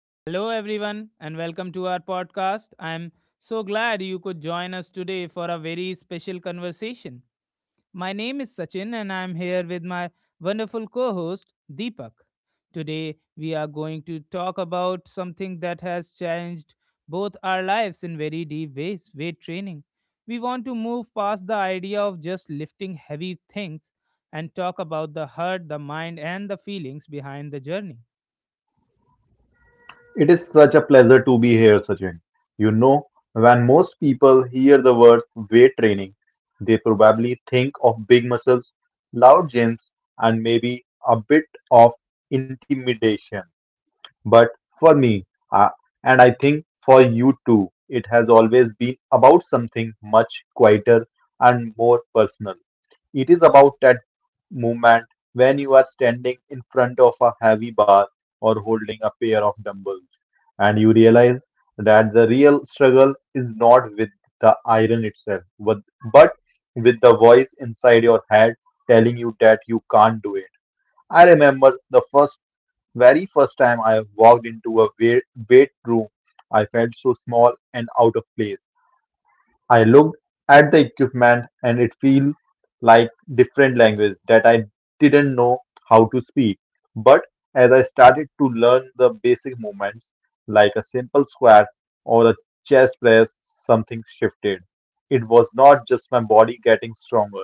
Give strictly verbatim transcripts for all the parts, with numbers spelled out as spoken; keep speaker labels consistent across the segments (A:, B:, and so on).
A: Hello, everyone, and welcome to our podcast. I'm so glad you could join us today for a very special conversation. My name is Sachin, and I'm here with my wonderful co host, Deepak. Today, we are going to talk about something that has changed both our lives in very deep ways weight training. We want to move past the idea of just lifting heavy things and talk about the heart, the mind, and the feelings behind the journey.
B: It is such a pleasure to be here, Sachin. You know, when most people hear the words weight training, they probably think of big muscles, loud gyms, and maybe a bit of intimidation. But for me, uh, and I think for you too, it has always been about something much quieter and more personal. It is about movement when you are standing in front of a heavy bar or holding a pair of dumbbells. And you realize that the real struggle is not with the iron itself, but, but with the voice inside your head telling you that you can't do it. I remember the first, very first time I walked into a weight, weight room. I felt so small and out of place. I looked at the equipment and it felt like different language that I didn't know how to speak. But as I started to learn the basic movements, like a simple squat or a chest press, something shifted. It was not just my body getting stronger,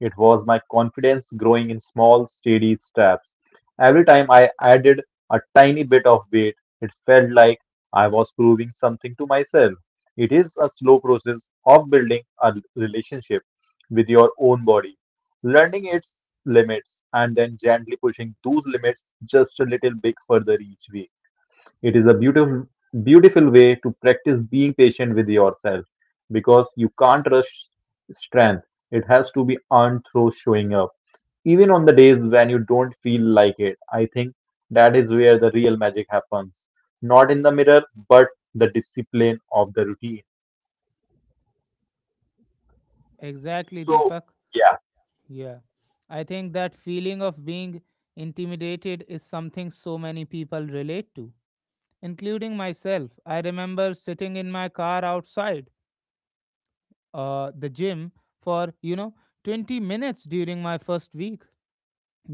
B: it was my confidence growing in small, steady steps. Every time I added a tiny bit of weight, it felt like I was proving something to myself. It is a slow process of building a relationship with your own body, learning its limits, and then gently pushing those limits just a little bit further each week. It is a beautiful, beautiful way to practice being patient with yourself because you can't rush strength. It has to be earned through showing up. Even on the days when you don't feel like it, I think that is where the real magic happens. Not in the mirror, but the discipline of the routine.
A: Exactly,
B: So,
A: Deepak.
B: yeah.
A: Yeah. I think that feeling of being intimidated is something so many people relate to, including myself. I remember sitting in my car outside uh, the gym for, you know, twenty minutes during my first week,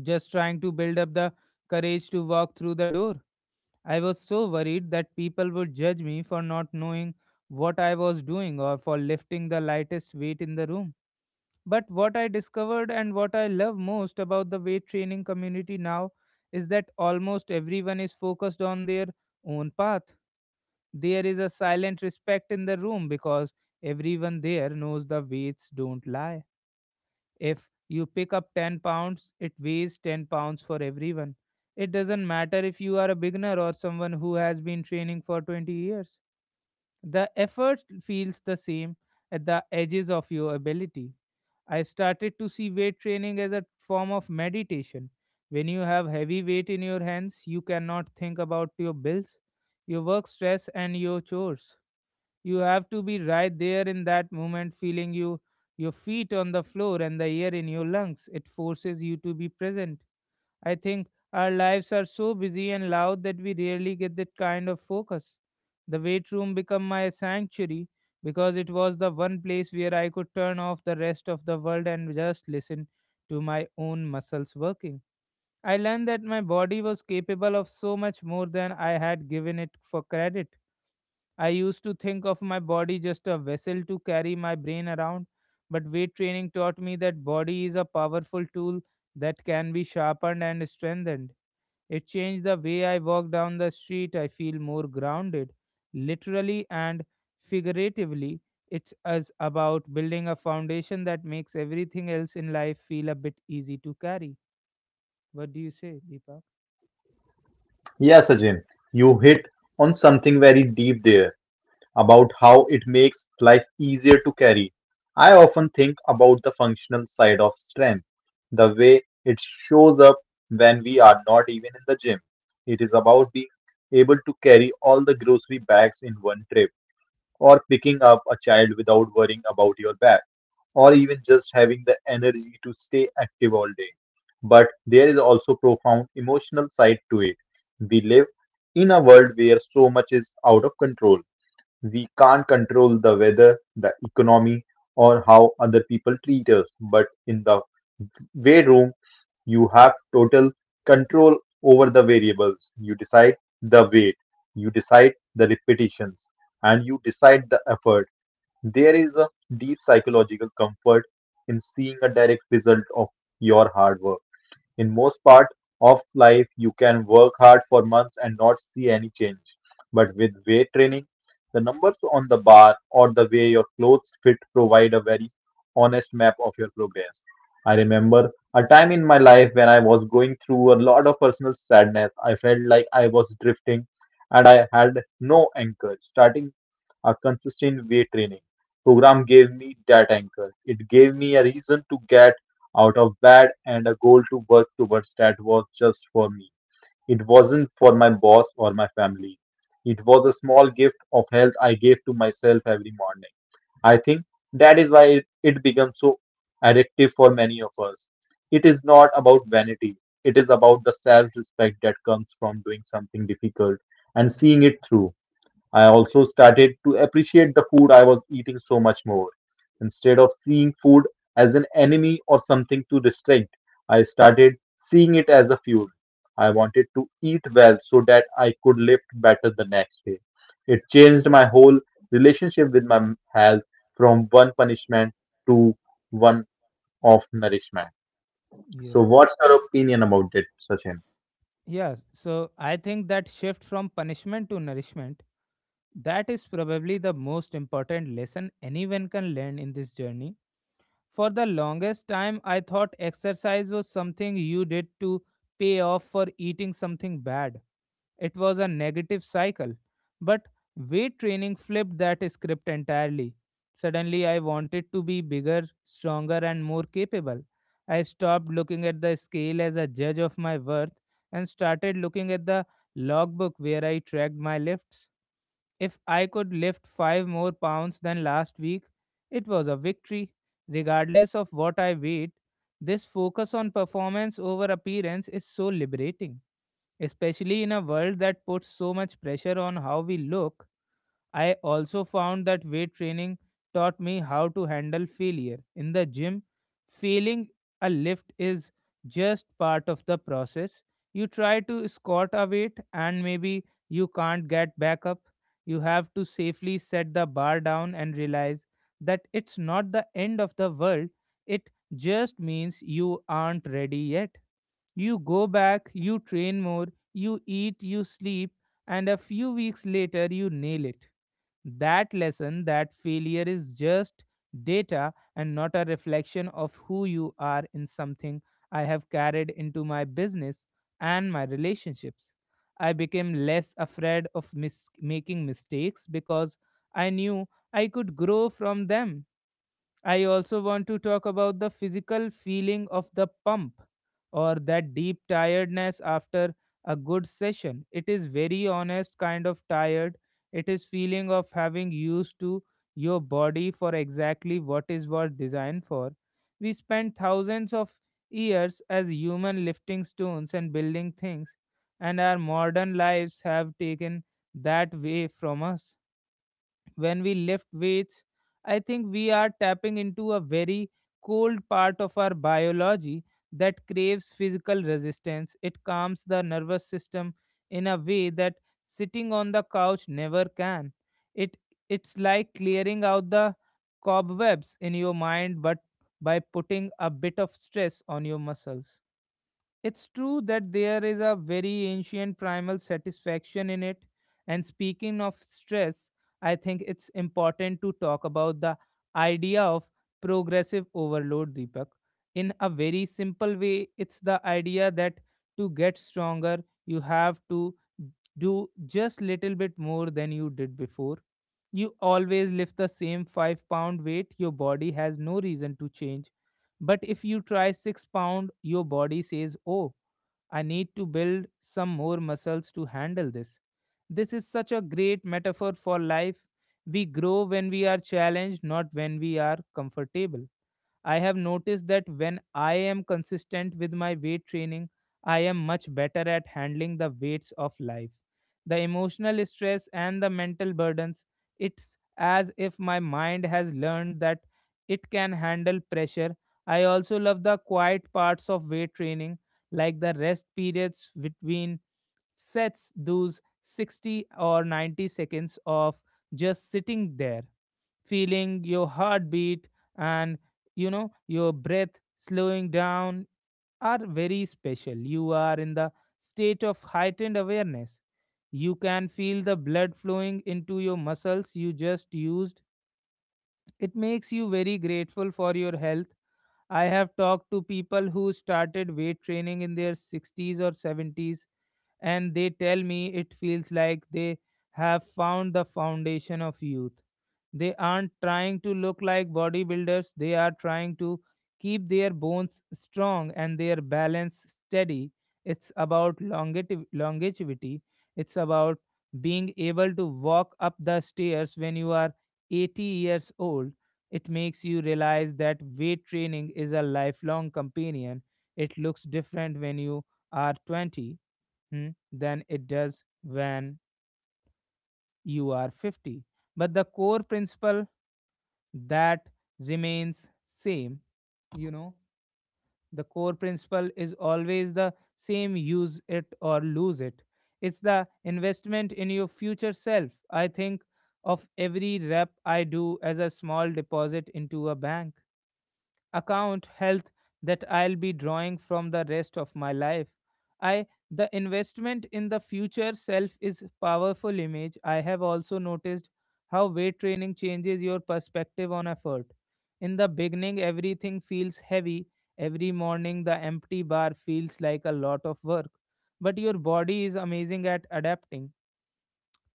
A: just trying to build up the courage to walk through the door. I was so worried that people would judge me for not knowing what I was doing or for lifting the lightest weight in the room. But what I discovered and what I love most about the weight training community now is that almost everyone is focused on their own path. There is a silent respect in the room because everyone there knows the weights don't lie. If you pick up ten pounds, it weighs ten pounds for everyone. It doesn't matter if you are a beginner or someone who has been training for twenty years. The effort feels the same at the edges of your ability. I started to see weight training as a form of meditation. When you have heavy weight in your hands, you cannot think about your bills, your work stress, and your chores. You have to be right there in that moment, feeling you your feet on the floor and the air in your lungs. It forces you to be present. I think our lives are so busy and loud that we rarely get that kind of focus. The weight room became my sanctuary because it was the one place where I could turn off the rest of the world and just listen to my own muscles working. I learned that my body was capable of so much more than I had given it for credit. I used to think of my body just a vessel to carry my brain around, but weight training taught me that body is a powerful tool that can be sharpened and strengthened. It changed the way I walk down the street. I feel more grounded, literally and figuratively. It's as about building a foundation that makes everything else in life feel a bit easy to carry. What do you say, Deepak?
B: Yeah, Sachin, you hit on something very deep there about how it makes life easier to carry. I often think about the functional side of strength, the way it shows up when we are not even in the gym. It is about being able to carry all the grocery bags in one trip or picking up a child without worrying about your back, or even just having the energy to stay active all day. But there is also profound emotional side to it. We live in a world where so much is out of control. We can't control the weather, the economy, or how other people treat us. But in the weight room, you have total control over the variables. You decide the weight, you decide the repetitions, and you decide the effort. There is a deep psychological comfort in seeing a direct result of your hard work. In most part of life, you can work hard for months and not see any change. But with weight training, the numbers on the bar or the way your clothes fit provide a very honest map of your progress. I remember a time in my life when I was going through a lot of personal sadness. I felt like I was drifting and I had no anchor. Starting a consistent weight training program gave me that anchor. It gave me a reason to get out of bed and a goal to work towards that was just for me. It wasn't for my boss or my family. It was a small gift of health I gave to myself every morning. I think that is why it, it becomes so addictive for many of us. It is not about vanity, it is about the self respect that comes from doing something difficult and seeing it through. I also started to appreciate the food I was eating so much more. Instead of seeing food as an enemy or something to restrict, I started seeing it as a fuel. I wanted to eat well so that I could lift better the next day. It changed my whole relationship with my health from one punishment to one of nourishment. So,
A: Yeah,
B: what's your opinion about it, Sachin?
A: Yeah, so I think that shift from punishment to nourishment, that is probably the most important lesson anyone can learn in this journey. For the longest time, I thought exercise was something you did to pay off for eating something bad. It was a negative cycle. But weight training flipped that script entirely. Suddenly, I wanted to be bigger, stronger, and more capable. I stopped looking at the scale as a judge of my worth and started looking at the logbook where I tracked my lifts. If I could lift five more pounds than last week, it was a victory. Regardless of what I weighed, this focus on performance over appearance is so liberating, especially in a world that puts so much pressure on how we look. I also found that weight training taught me how to handle failure. In the gym, failing a lift is just part of the process. You try to squat a weight and maybe you can't get back up. You have to safely set the bar down and realize that it's not the end of the world. It just means you aren't ready yet. You go back, you train more, you eat, you sleep, and a few weeks later you nail it. That lesson, that failure is just data and not a reflection of who you are, in something I have carried into my business and my relationships. I became less afraid of mis- making mistakes because I knew I could grow from them. I also want to talk about the physical feeling of the pump or that deep tiredness after a good session. It is very honest kind of tired. It is feeling of having used to your body for exactly what is what designed for. We spent thousands of years as human lifting stones and building things, and our modern lives have taken that way from us. When we lift weights, I think we are tapping into a very cold part of our biology that craves physical resistance. It calms the nervous system in a way that sitting on the couch never can. It it's like clearing out the cobwebs in your mind but by putting a bit of stress on your muscles. It's true that there is a very ancient primal satisfaction in it. And speaking of stress, I think it's important to talk about the idea of progressive overload, Deepak. In a very simple way, it's the idea that to get stronger, you have to do just little bit more than you did before. You always lift the same five pound weight, your body has no reason to change. But if you try six pound, your body says, "Oh, I need to build some more muscles to handle this." This is such a great metaphor for life. We grow when we are challenged, not when we are comfortable. I have noticed that when I am consistent with my weight training, I am much better at handling the weights of life. The emotional stress and the mental burdens, it's as if my mind has learned that it can handle pressure. I also love the quiet parts of weight training, like the rest periods between sets. Those sixty or ninety seconds of just sitting there feeling your heartbeat and, you know your breath slowing down are very special. You are in the state of heightened awareness. You can feel the blood flowing into your muscles you just used. It makes you very grateful for your health. I have talked to people who started weight training in their sixties or seventies, and they tell me it feels like they have found the foundation of youth. They aren't trying to look like bodybuilders, they are trying to keep their bones strong and their balance steady. It's about longeti- longevity, it's about being able to walk up the stairs when you are eighty years old. It makes you realize that weight training is a lifelong companion. It looks different when you are twenty, hmm, than it does when you are fifty, but the core principle that remains same, you know the core principle is always the same, use it or lose it. It's the investment in your future self. I think of every rep I do as a small deposit into a bank account health that I'll be drawing from the rest of my life. I The investment in the future self is powerful image. I have also noticed how weight training changes your perspective on effort. In the beginning everything feels heavy. Every morning the empty bar feels like a lot of work, but your body is amazing at adapting.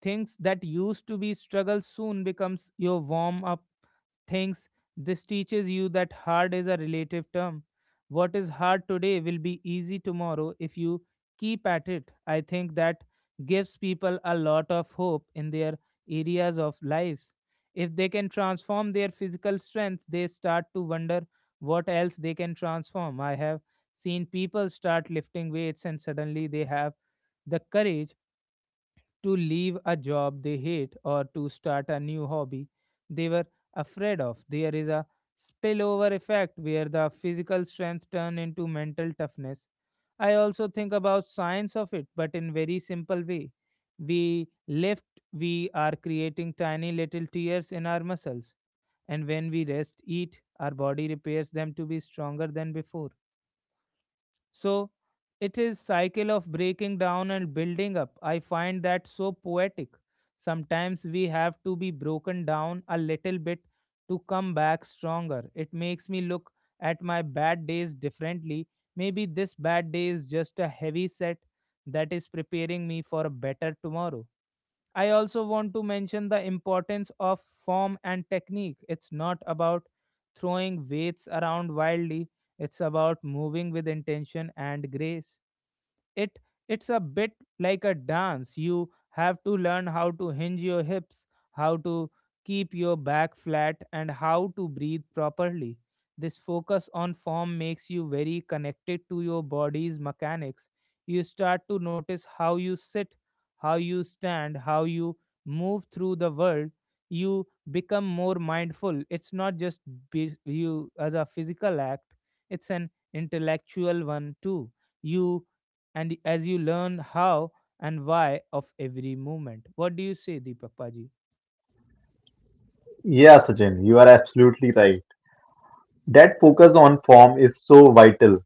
A: Things that used to be struggle soon becomes your warm up things. This teaches you that hard is a relative term. What is hard today will be easy tomorrow if you keep at it. I think that gives people a lot of hope in their areas of lives. If they can transform their physical strength, they start to wonder what else they can transform. I have seen people start lifting weights and suddenly they have the courage to leave a job they hate or to start a new hobby they were afraid of. There is a spillover effect where the physical strength turn into mental toughness. I also think about science of it, but in very simple way. We lift, we are creating tiny little tears in our muscles, and when we rest, eat, our body repairs them to be stronger than before. So it is cycle of breaking down and building up. I find that so poetic. Sometimes we have to be broken down a little bit to come back stronger. It makes me look at my bad days differently. Maybe this bad day is just a heavy set that is preparing me for a better tomorrow. I also want to mention the importance of form and technique. It's not about throwing weights around wildly, it's about moving with intention and grace it it's a bit like a dance. You have to learn how to hinge your hips, how to keep your back flat, and how to breathe properly. This focus on form makes you very connected to your body's mechanics. You start to notice how you sit, how you stand, how you move through the world. You become more mindful. It's not just be you as a physical act, it's an intellectual one too. You and as you learn how and why of every movement. What do you say, Deepak Paji?
B: Yeah, Sachin, you are absolutely right. That focus on form is so vital.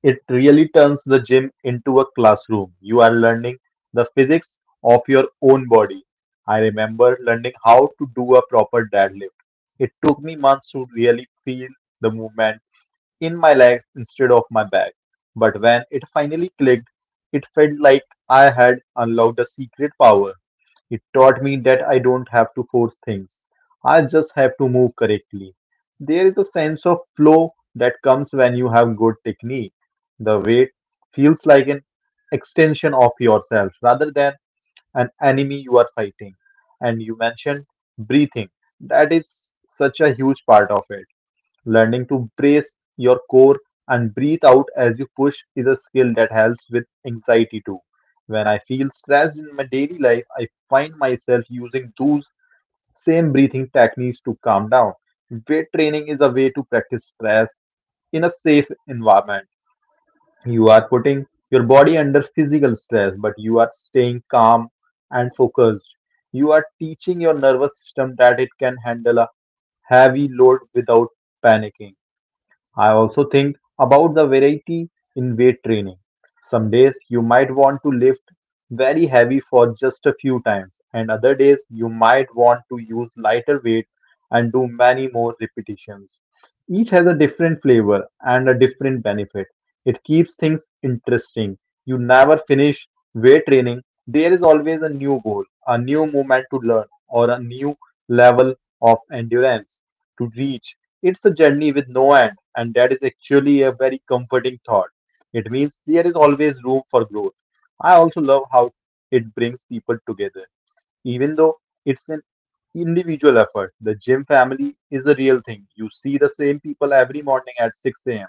B: It really turns the gym into a classroom. You are learning the physics of your own body. I remember learning how to do a proper deadlift. It took me months to really feel the movement in my legs instead of my back. But when it finally clicked, it felt like I had unlocked a secret power. It taught me that I don't have to force things. I just have to move correctly. There is a sense of flow that comes when you have good technique. The weight feels like an extension of yourself rather than an enemy you are fighting. And you mentioned breathing. That is such a huge part of it. Learning to brace your core and breathe out as you push is a skill that helps with anxiety too. When I feel stressed in my daily life, I find myself using those same breathing techniques to calm down. Weight training is a way to practice stress in a safe environment. You are putting your body under physical stress, but you are staying calm and focused. You are teaching your nervous system that it can handle a heavy load without panicking. I also think about the variety in weight training. Some days you might want to lift very heavy for just a few times, and other days you might want to use lighter weight and do many more repetitions. Each has a different flavor and a different benefit. It keeps things interesting. You never finish weight training. There is always a new goal, a new movement to learn, or a new level of endurance to reach. It's a journey with no end, and that is actually a very comforting thought. It means there is always room for growth. I also love how it brings people together. Even though it's an individual effort, the gym family is a real thing. You see the same people every morning at six a m.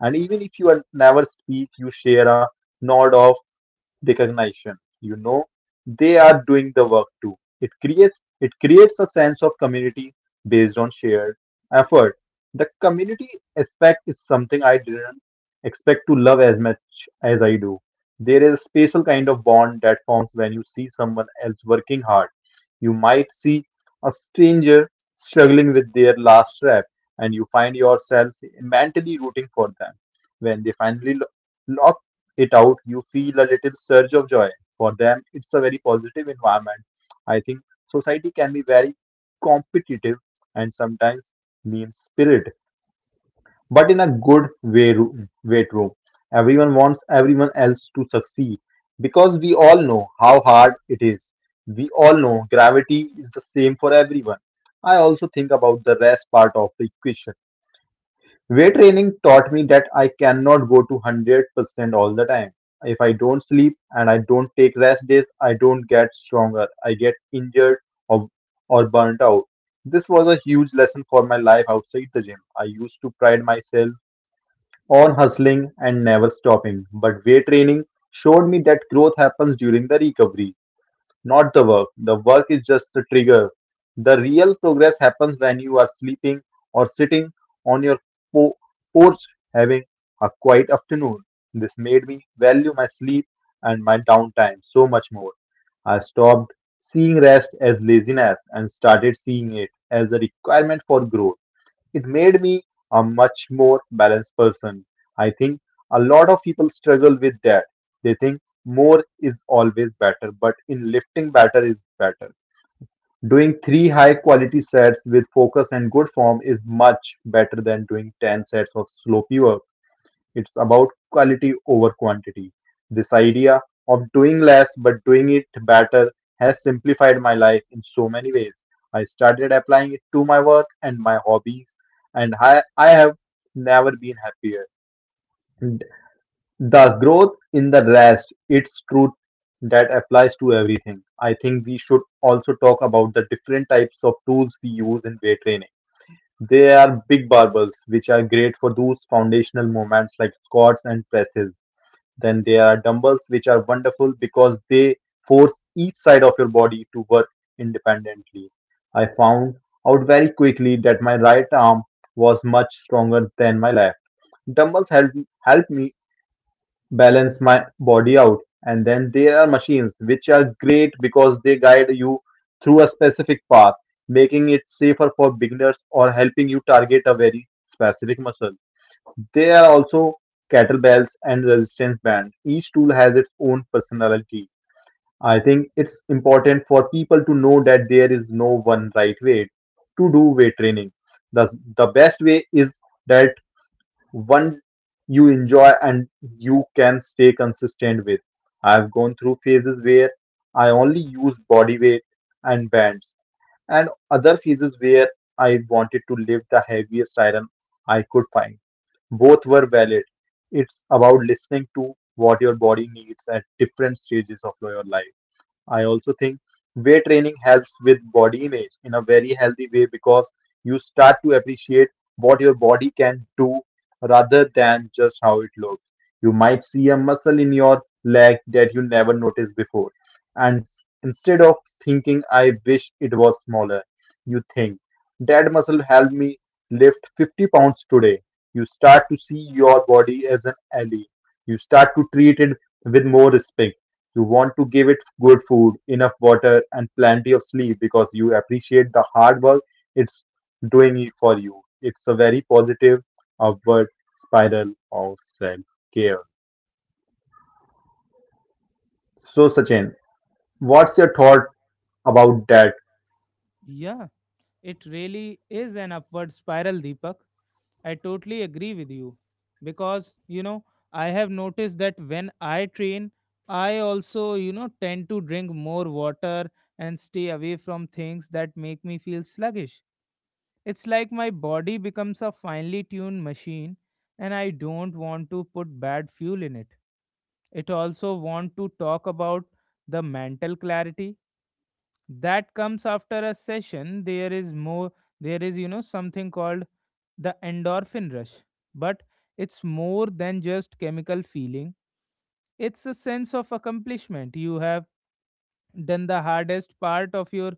B: And even if you are never speak, you share a nod of recognition. You know they are doing the work too. It creates it creates a sense of community based on shared effort. The community aspect is something I didn't expect to love as much as I do. There is a special kind of bond that forms when you see someone else working hard. You might see a stranger struggling with their last rep and you find yourself mentally rooting for them. When they finally lo- lock it out, you feel a little surge of joy. For them, it's a very positive environment. I think society can be very competitive and sometimes mean spirited, but in a good way, ro- way true. Everyone wants everyone else to succeed because we all know how hard it is. We all know gravity is the same for everyone. I also think about the rest part of the equation. Weight training taught me that I cannot go to one hundred percent all the time. If I don't sleep and I don't take rest days, I don't get stronger. I get injured or, or burnt out. This was a huge lesson for my life outside the gym. I used to pride myself on hustling and never stopping, but weight training showed me that growth happens during the recovery, not the work. The work is just the trigger. The real progress happens when you are sleeping or sitting on your po- porch having a quiet afternoon. This made me value my sleep and my downtime so much more. I stopped seeing rest as laziness and started seeing it as a requirement for growth. It made me a much more balanced person. I think a lot of people struggle with that. They think more is always better, but in lifting, better is better. Doing three high quality sets with focus and good form is much better than doing ten sets of slow. It's about quality over quantity. This idea of doing less but doing it better has simplified my life in so many ways. I started applying it to my work and my hobbies, and I, I have never been happier. And the growth in the rest, it's true that applies to everything. I think we should also talk about the different types of tools we use in weight training. They are big barbells, which are great for those foundational movements like squats and presses. Then there are dumbbells, which are wonderful because they force each side of your body to work independently. I found out very quickly that my right arm was much stronger than my left. Dumbbells help, help me balance my body out. And then there are machines, which are great because they guide you through a specific path, making it safer for beginners or helping you target a very specific muscle. There are also kettlebells and resistance bands. Each tool has its own personality. I think it's important for people to know that there is no one right way to do weight training. The, the best way is that one you enjoy and you can stay consistent with. I've gone through phases where I only use body weight and bands, and other phases where I wanted to lift the heaviest iron I could find. Both were valid. It's about listening to what your body needs at different stages of your life. I also think weight training helps with body image in a very healthy way because you start to appreciate what your body can do rather than just how it looks. You might see a muscle in your leg that you never noticed before. And s- instead of thinking, I wish it was smaller, you think, that muscle helped me lift fifty pounds today. You start to see your body as an ally. You start to treat it with more respect. You want to give it good food, enough water, and plenty of sleep because you appreciate the hard work it's doing it for you. It's a very positive upward spiral of self care. So, Sachin, what's your thought about that?
A: Yeah, it really is an upward spiral, Deepak. I totally agree with you because you know I have noticed that when I train, I also you know tend to drink more water and stay away from things that make me feel sluggish. It's like my body becomes a finely tuned machine and I don't want to put bad fuel in it. It also want to talk about the mental clarity that comes after a session there is more there is you know something called the endorphin rush. But it's more than just chemical feeling. It's a sense of accomplishment. You have done the hardest part of your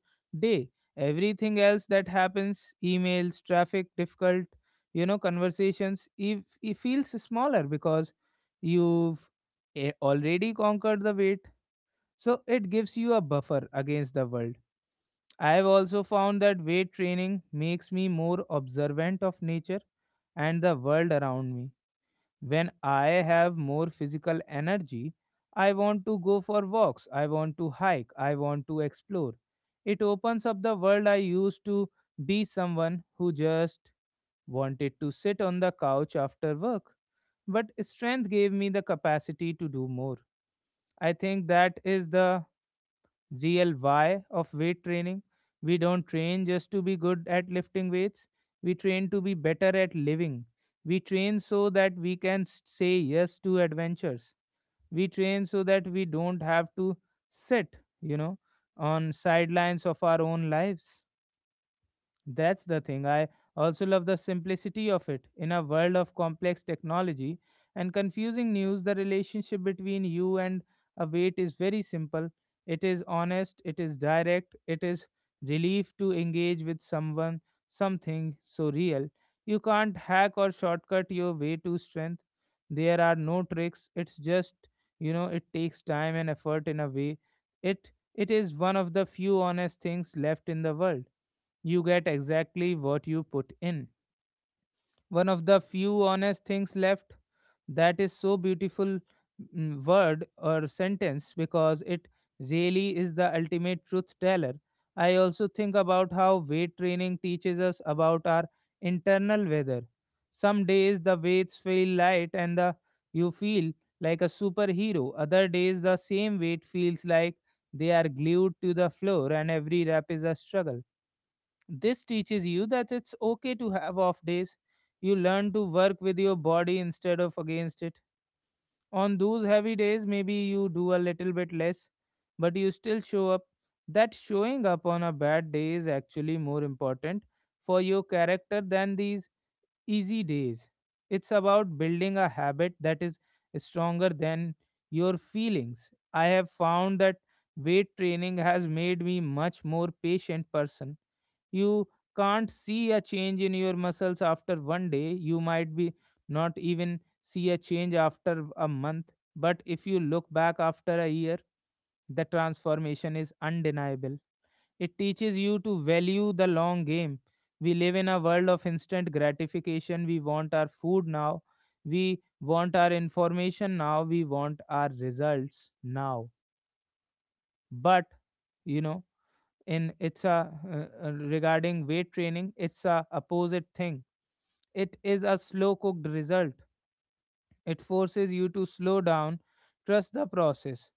A: day. Everything else that happens, emails, traffic, difficult, you know conversations, if it feels smaller because you've eh, already conquered the weight. So it gives you a buffer against the world. I have also found that weight training makes me more observant of nature and the world around me. When I have more physical energy, I want to go for walks, I want to hike, I want to explore. It opens up the world. I used to be someone who just wanted to sit on the couch after work. But strength gave me the capacity to do more. I think that is the real why of weight training. We don't train just to be good at lifting weights, we train to be better at living. We train so that we can s- say yes to adventures. We train so that we don't have to sit, you know, on sidelines of our own lives. That's the thing. I also love the simplicity of it. In a world of complex technology and confusing news, the relationship between you and a wait is very simple. It is honest, it is direct, it is relief to engage with someone, something so real. You can't hack or shortcut your way to strength. There are no tricks. It's just, you know, it takes time and effort in a way. It it is one of the few honest things left in the world. You get exactly what you put in. One of the few honest things left, that is so beautiful mm, word or sentence, because it really is the ultimate truth teller. I also think about how weight training teaches us about our internal weather. Some days the weights feel light and the you feel like a superhero. Other days the same weight feels like they are glued to the floor and every rep is a struggle. This teaches you that it's okay to have off days. You learn to work with your body instead of against it. On those heavy days, maybe you do a little bit less, but you still show up. That showing up on a bad day is actually more important for your character than these easy days. It's about building a habit that is stronger than your feelings. I have found that weight training has made me much more patient person. You can't see a change in your muscles after one day. You might be not even see a change after a month. But if you look back after a year, the transformation is undeniable. It teaches you to value the long game. We live in a world of instant gratification. We want our food now. We want our information now. We want our results now. But, you know, in it's a uh, uh, regarding weight training, it's a opposite thing. It is a slow cooked result. It forces you to slow down, trust the process.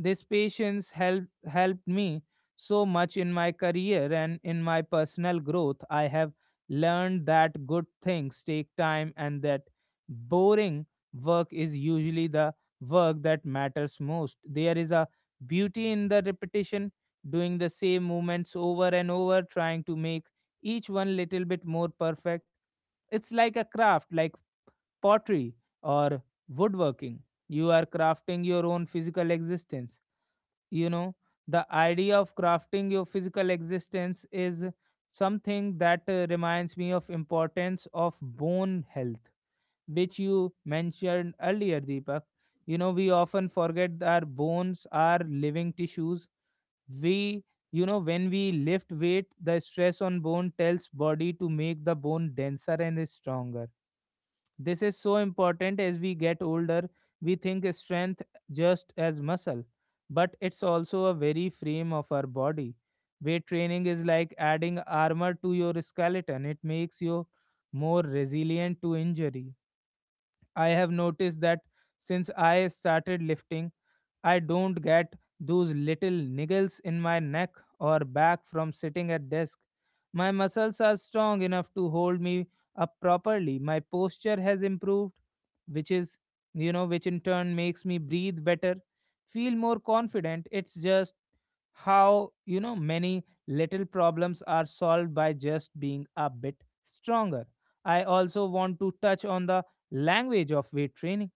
A: This patience help, helped me so much in my career and in my personal growth. I have learned that good things take time and that boring work is usually the work that matters most. There is a beauty in the repetition, doing the same movements over and over, trying to make each one little bit more perfect. It's like a craft, like pottery or woodworking. You are crafting your own physical existence. You know, the idea of crafting your physical existence is something that uh, reminds me of importance of bone health, which you mentioned earlier, Deepak. You know, we often forget that our bones are living tissues. We you know when we lift weight, the stress on bone tells body to make the bone denser and stronger. This is so important as we get older. We think strength just as muscle, but it's also a very frame of our body. Weight training is like adding armor to your skeleton, it makes you more resilient to injury. I have noticed that since I started lifting, I don't get those little niggles in my neck or back from sitting at desk. My muscles are strong enough to hold me up properly. My posture has improved, which is, you know, which in turn makes me breathe better, feel more confident. It's just how, you know, many little problems are solved by just being a bit stronger. I also want to touch on the language of weight training.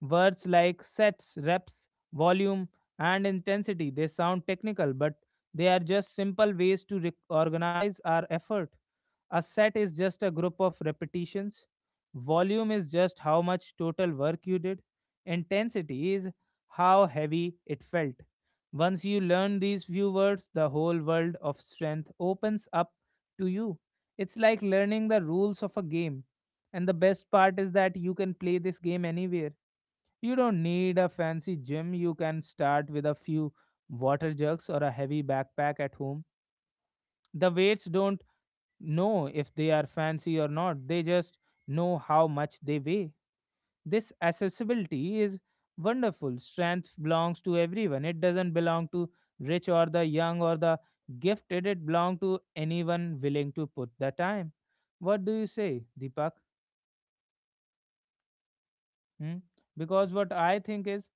A: Words like sets, reps, volume, and intensity, they sound technical, but they are just simple ways to re- organize our effort. A set is just a group of repetitions. Volume is just how much total work you did. Intensity is how heavy it felt. Once you learn these few words, the whole world of strength opens up to you. It's like learning the rules of a game. And the best part is that you can play this game anywhere. You don't need a fancy gym. You can start with a few water jugs or a heavy backpack at home. The weights don't know if they are fancy or not, they just know how much they weigh. This accessibility is wonderful. Strength belongs to everyone, it doesn't belong to rich or the young or the gifted, it belongs to anyone willing to put the time. What do you say, Deepak? Hmm? Because what I think is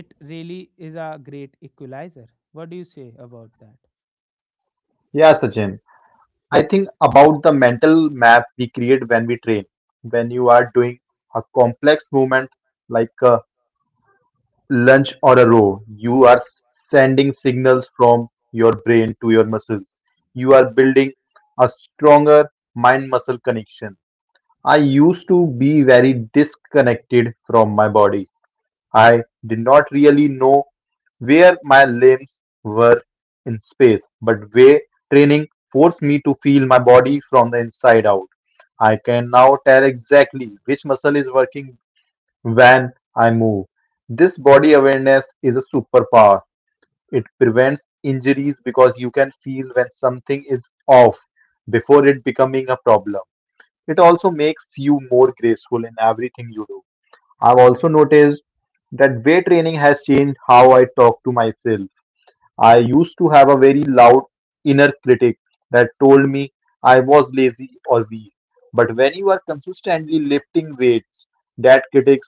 A: it really is a great equalizer. What do you say about that?
B: Yeah, Sachin. I think about the mental map we create when we train. When you are doing a complex movement like uh, lunge or a row, you are sending signals from your brain to your muscles. You are building a stronger mind muscle connection. I used to be very disconnected from my body. I did not really know where my limbs were in space, but weight training forced me to feel my body from the inside out. I can now tell exactly which muscle is working when I move. This body awareness is a superpower. It prevents injuries because you can feel when something is off before it becoming a problem. It also makes you more graceful in everything you do. I've also noticed that weight training has changed how I talk to myself. I used to have a very loud inner critic that told me I was lazy or weak. But when you are consistently lifting weights, that critic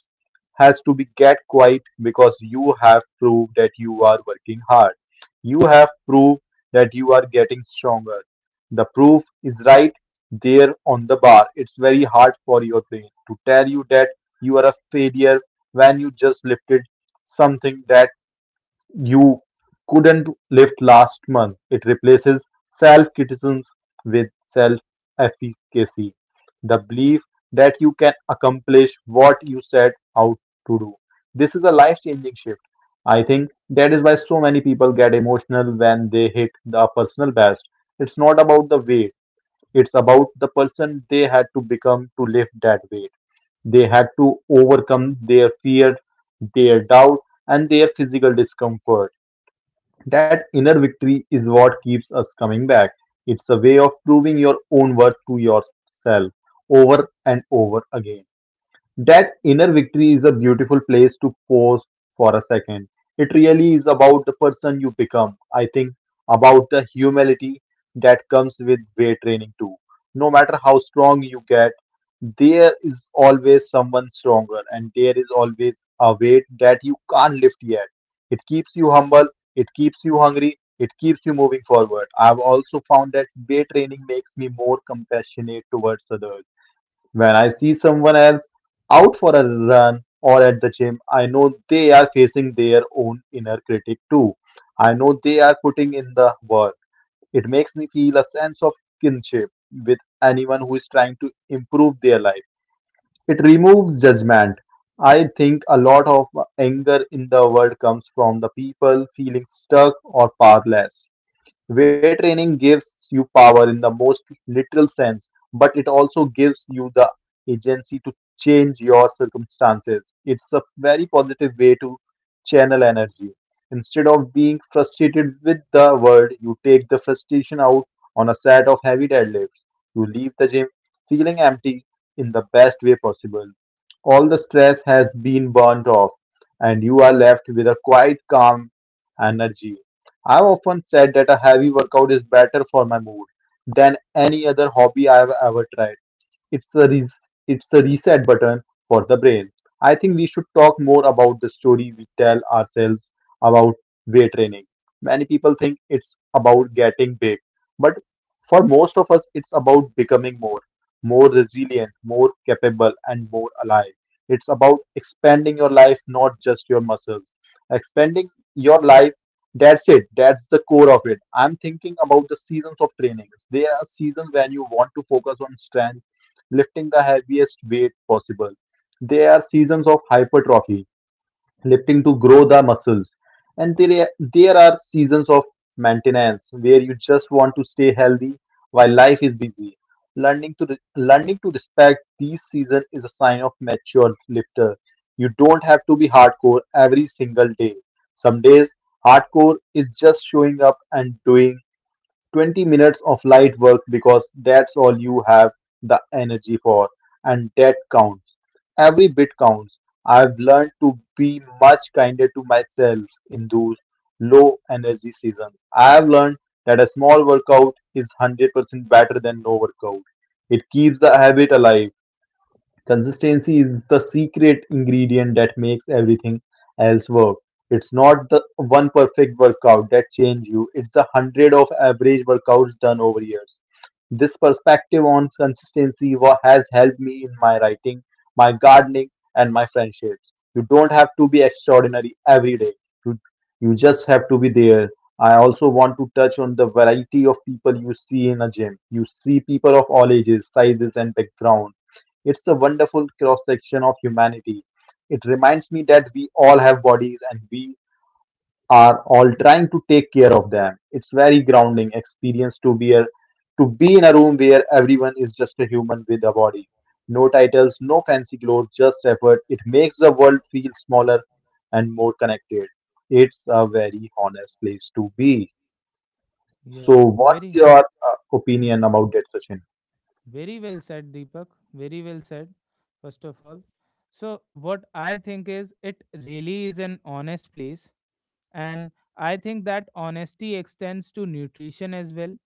B: has to be get quiet because you have proved that you are working hard. You have proved that you are getting stronger. The proof is right there on the bar. It's very hard for your brain to tell you that you are a failure when you just lifted something that you couldn't lift last month. It replaces self criticism with self efficacy, the belief that you can accomplish what you set out to do. This is a life changing shift. I think that is why so many people get emotional when they hit the personal best. It's not about the weight, it's about the person they had to become to lift that weight. They had to overcome their fear, their doubt, and their physical discomfort. That inner victory is what keeps us coming back. It's a way of proving your own worth to yourself over and over again. That inner victory is a beautiful place to pause for a second. It really is about the person you become. I think about the humility that comes with weight training too. No matter how strong you get, there is always someone stronger, and there is always a weight that you can't lift yet. It keeps you humble, it keeps you hungry, it keeps you moving forward. I've also found that weight training makes me more compassionate towards others. When I see someone else out for a run or at the gym, I know they are facing their own inner critic too. I know they are putting in the work. It makes me feel a sense of kinship with anyone who is trying to improve their life. It removes judgment. I think a lot of anger in the world comes from the people feeling stuck or powerless. Weight training gives you power in the most literal sense, but it also gives you the agency to change your circumstances. It's a very positive way to channel energy. Instead of being frustrated with the world, you take the frustration out on a set of heavy deadlifts. You leave the gym feeling empty in the best way possible. All the stress has been burnt off, and you are left with a quiet, calm energy. I've often said that a heavy workout is better for my mood than any other hobby I've ever tried. It's a res- it's a reset button for the brain. I think we should talk more about the story we tell ourselves about weight training. Many people think it's about getting big, but for most of us, it's about becoming more, more resilient, more capable, and more alive. It's about expanding your life, not just your muscles. Expanding your life, that's it. That's the core of it. I'm thinking about the seasons of trainings. There are seasons when you want to focus on strength, lifting the heaviest weight possible. There are seasons of hypertrophy, lifting to grow the muscles, and there, there are seasons of maintenance where you just want to stay healthy while life is busy. Learning to re- learning to respect these seasons is a sign of mature lifter. You don't have to be hardcore every single day. Some days hardcore is just showing up and doing twenty minutes of light work because that's all you have the energy for, and that counts. Every bit counts. I've learned to be much kinder to myself in those low energy seasons. I've learned that a small workout is one hundred percent better than no workout. It keeps the habit alive. Consistency is the secret ingredient that makes everything else work. It's not the one perfect workout that changes you, it's a hundred of average workouts done over years. This perspective on consistency wa- has helped me in my writing, my gardening, and my friendships. You don't have to be extraordinary every day. You, you just have to be there. I also want to touch on the variety of people you see in a gym. You see people of all ages, sizes, and backgrounds. It's a wonderful cross section of humanity. It reminds me that we all have bodies and we are all trying to take care of them. It's very grounding experience to be a, to be in a room where everyone is just a human with a body. No titles, no fancy clothes, just effort. It makes the world feel smaller and more connected. It's a very honest place to be. So,
A: Yeah,
B: what's
A: very,
B: your uh, opinion
A: hmm,
B: about that, Sachin?
A: very well said, Deepak. Very well said, first of all. So, what I think is it really is an honest place. And I think that honesty extends to nutrition as well,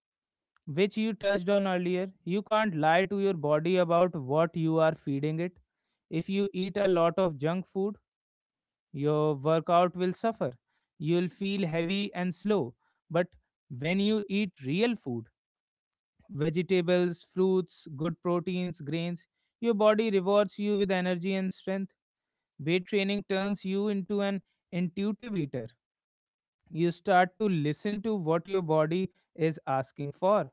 A: which you touched on earlier. You can't lie to your body about what you are feeding it. If you eat a lot of junk food, your workout will suffer. You'll feel heavy and slow. But when you eat real food, vegetables, fruits, good proteins, grains, your body rewards you with energy and strength. Weight training turns you into an intuitive eater. You start to listen to what your body is asking for.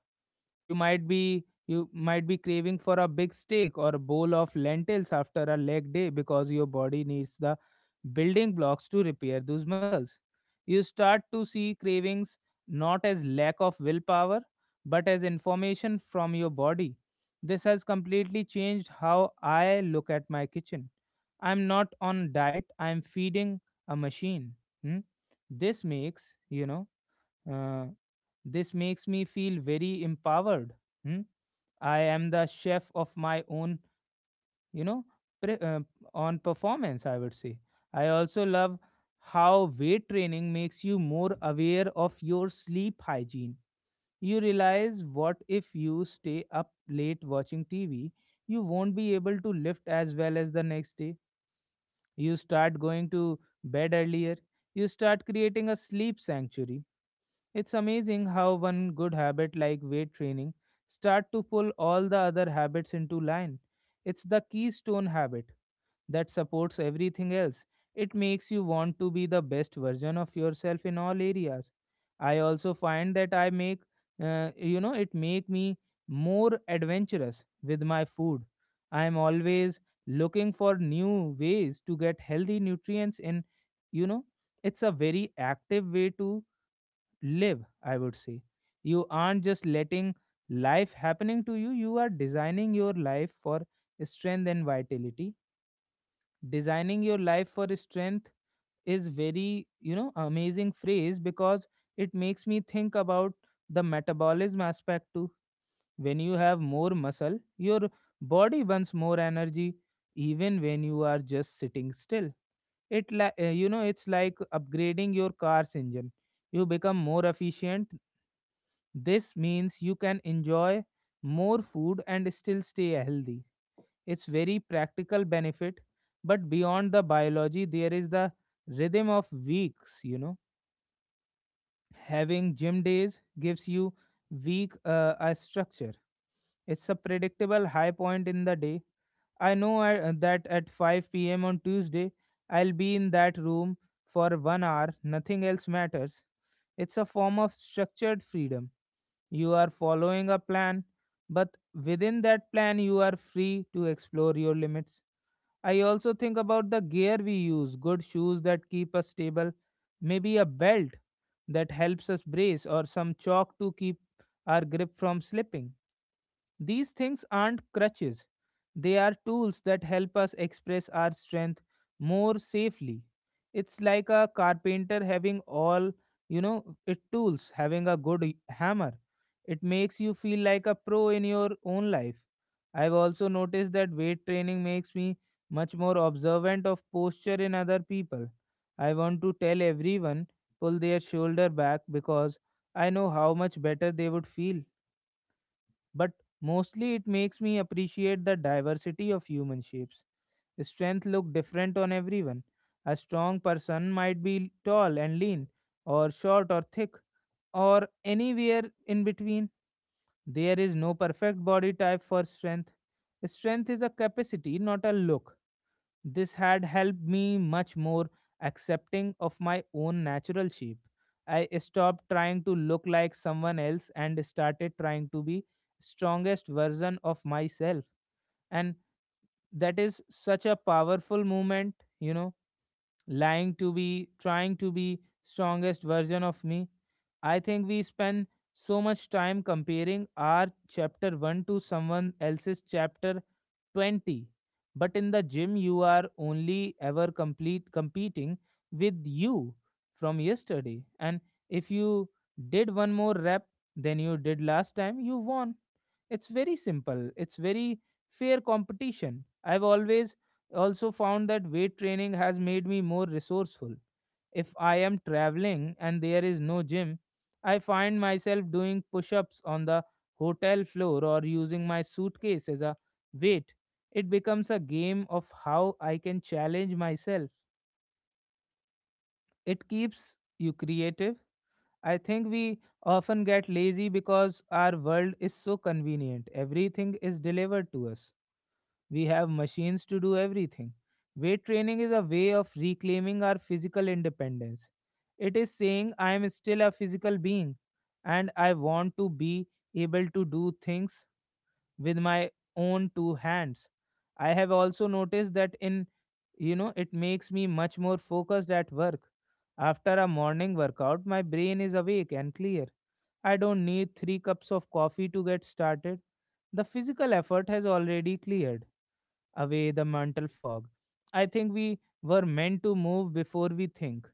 A: you might be You might be craving for a big steak or a bowl of lentils after a leg day because your body needs the building blocks to repair those muscles. You start to see cravings not as lack of willpower but as information from your body. This has completely changed how I look at my kitchen. I'm not on diet. I'm feeding a machine. Hmm? This makes you know. Uh, this makes me feel very empowered. Hmm? I am the chef of my own. You know, pre- uh, on performance, I would say. I also love how weight training makes you more aware of your sleep hygiene. You realize what if you stay up late watching T V, you won't be able to lift as well as the next day. You start going to bed earlier. You start creating a sleep sanctuary. It's amazing how one good habit like weight training start to pull all the other habits into line. It's the keystone habit that supports everything else. It makes you want to be the best version of yourself in all areas. I also find that I make, uh, you know, it make me more adventurous with my food. I am always looking for new ways to get healthy nutrients in, you know, it's a very active way to live, I would say. You aren't just letting life happening to you, you are designing your life for strength and vitality. Designing your life for strength is very you know amazing phrase, because it makes me think about the metabolism aspect too. When you have more muscle, your body burns more energy even when you are just sitting still. It li- uh, you know it's like upgrading your car's engine. You become more efficient. This means you can enjoy more food and still stay healthy. It's very practical benefit, but beyond the biology, there is the rhythm of weeks. You know, having gym days gives you week uh, a structure. It's a predictable high point in the day. I know I, uh, that at five p m on Tuesday, I'll be in that room for one hour. Nothing else matters. It's a form of structured freedom. You are following a plan, but within that plan, you are free to explore your limits. I also think about the gear we use, good shoes that keep us stable, maybe a belt that helps us brace, or some chalk to keep our grip from slipping. These things aren't crutches, they are tools that help us express our strength more safely. It's like a carpenter having all, you know, it tools, having a good y- hammer. It makes you feel like a pro in your own life. I've also noticed that weight training makes me much more observant of posture in other people. I want to tell everyone pull their shoulder back because I know how much better they would feel, but mostly it makes me appreciate the diversity of human shapes. Strength look different on everyone. A strong person might be tall and lean, or short or thick, or anywhere in between. There is no perfect body type for strength. Strength is a capacity, not a look. This had helped me much more accepting of my own natural shape. I stopped trying to look like someone else and started trying to be strongest version of myself. And that is such a powerful movement, you know, lying to be trying to be strongest version of me. I think we spend so much time comparing our chapter one to someone else's chapter twenty. But in the gym, you are only ever complete competing with you from yesterday. And if you did one more rep than you did last time, you won. It's very simple, it's very fair competition. I've always also found that weight training has made me more resourceful. If I am traveling and there is no gym, I find myself doing push ups on the hotel floor or using my suitcase as a weight. It becomes a game of how I can challenge myself. It keeps you creative. I think we often get lazy because our world is so convenient. Everything is delivered to us. We have machines to do everything. Weight training is a way of reclaiming our physical independence. It is saying I am still a physical being and I want to be able to do things with my own two hands. I have also noticed that in you know it makes me much more focused at work. After a morning workout, my brain is awake and clear. I don't need three cups of coffee to get started. The physical effort has already cleared away the mental fog. I think we were meant to move before we think.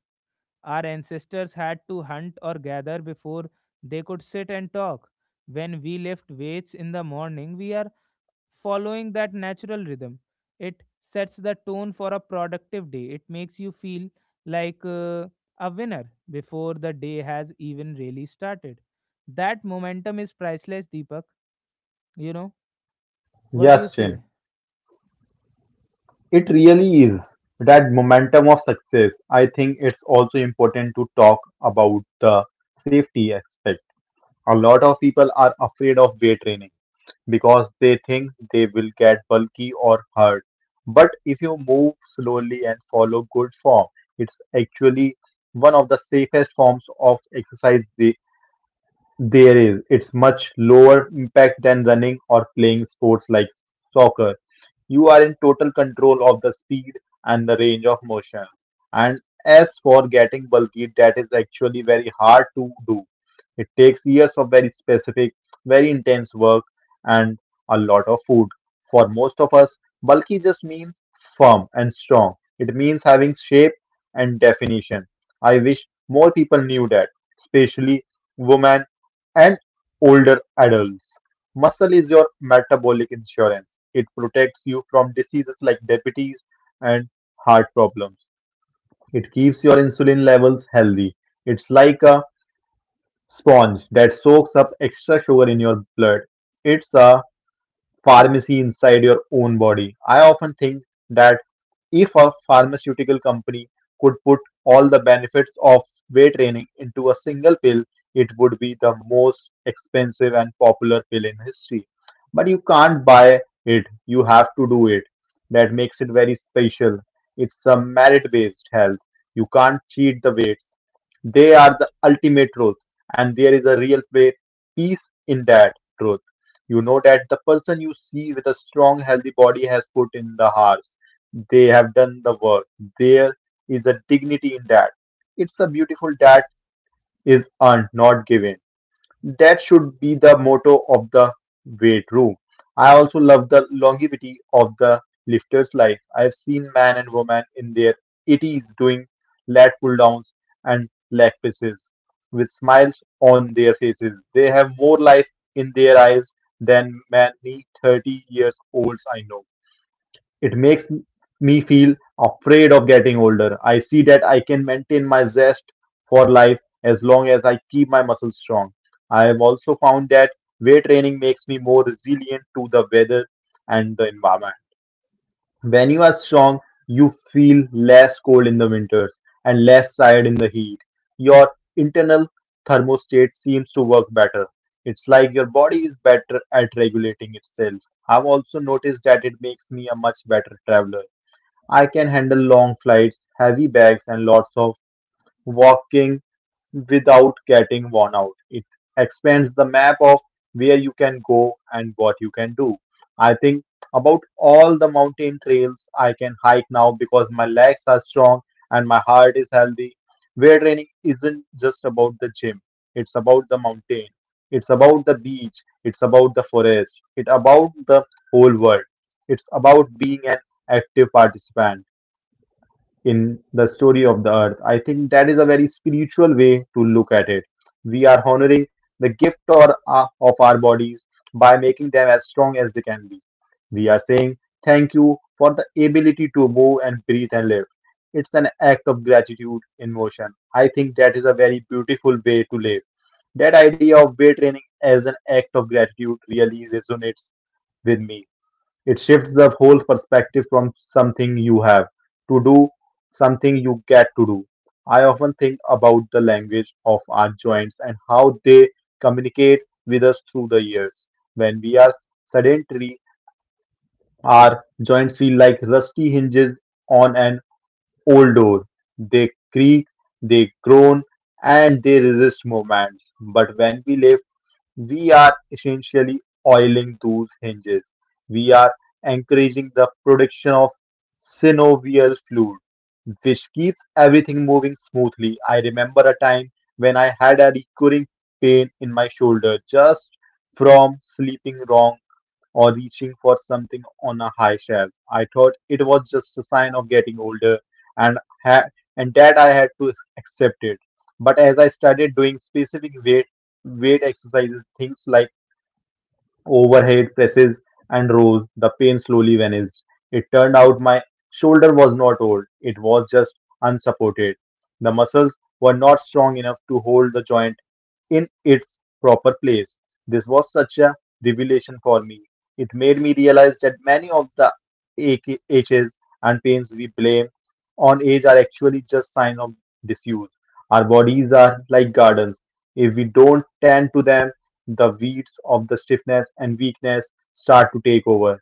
A: Our ancestors had to hunt or gather before they could sit and talk. When we lift weights in the morning, we are following that natural rhythm. It sets the tone for a productive day. It makes you feel like uh, a winner before the day has even really started. That momentum is priceless, Deepak. You know, what do you
B: Yes, Chin.
A: say?
B: It really is that momentum of success. I think it's also important to talk about the safety aspect. A lot of people are afraid of weight training because they think they will get bulky or hurt. But if you move slowly and follow good form, it's actually one of the safest forms of exercise the- there is. It's much lower impact than running or playing sports like soccer. You are in total control of the speed and the range of motion. And as for getting bulky, that is actually very hard to do. It takes years of very specific, very intense work and a lot of food. For most of us, bulky just means firm and strong. It means having shape and definition. I wish more people knew that, especially women and older adults. Muscle is your metabolic insurance. It protects you from diseases like diabetes and heart problems. It keeps your insulin levels healthy. It's like a sponge that soaks up extra sugar in your blood. It's a pharmacy inside your own body. I often think that if a pharmaceutical company could put all the benefits of weight training into a single pill, it would be the most expensive and popular pill in history. But you can't buy it, you have to do it. That makes it very special. It's a merit based health. You can't cheat the weights. They are the ultimate truth, and there is a real play, peace in that truth. You know that the person you see with a strong, healthy body has put in the hours. They have done the work. There is a dignity in that. It's a beautiful that is earned, not given. That should be the motto of the weight room. I also love the longevity of the lifter's life. I've seen man and woman in their eighties doing lat pull downs and leg presses with smiles on their faces. They have more life in their eyes than many thirty years olds I know. It makes me feel afraid of getting older. I see that I can maintain my zest for life as long as I keep my muscles strong. I have also found that weight training makes me more resilient to the weather and the environment. When you are strong, you feel less cold in the winters and less tired in the heat. Your internal thermostat seems to work better. It's like your body is better at regulating itself. I've also noticed that it makes me a much better traveler. I can handle long flights, heavy bags, and lots of walking without getting worn out. It expands the map of where you can go and what you can do. I think about all the mountain trails I can hike now because my legs are strong and my heart is healthy. Weight training isn't just about the gym. It's about the mountain. It's about the beach. It's about the forest. It's about the whole world. It's about being an active participant in the story of the earth. I think that is a very spiritual way to look at it. We are honoring the gift or uh, of our bodies by making them as strong as they can be. We are saying thank you for the ability to move and breathe and live. It's an act of gratitude in motion. I think that is a very beautiful way to live. That idea of weight training as an act of gratitude really resonates with me. It shifts the whole perspective from something you have to do, something you get to do. I often think about the language of our joints and how they communicate with us through the years. When we are sedentary, our joints feel like rusty hinges on an old door. They creak, they groan, and they resist movements. But when we live, we are essentially oiling those hinges. We are encouraging the production of synovial fluid, which keeps everything moving smoothly. I remember a time when I had a recurring pain in my shoulder just from sleeping wrong or reaching for something on a high shelf. I thought it was just a sign of getting older, and ha- and that I had to accept it. But as I started doing specific weight weight exercises, things like overhead presses and rows, the pain slowly vanished. It turned out my shoulder was not old, it was just unsupported. The muscles were not strong enough to hold the joint in its proper place. This was such a revelation for me. It made me realize that many of the ache- aches and pains we blame on age are actually just signs of disuse. Our bodies are like gardens. If we don't tend to them, the weeds of the stiffness and weakness start to take over.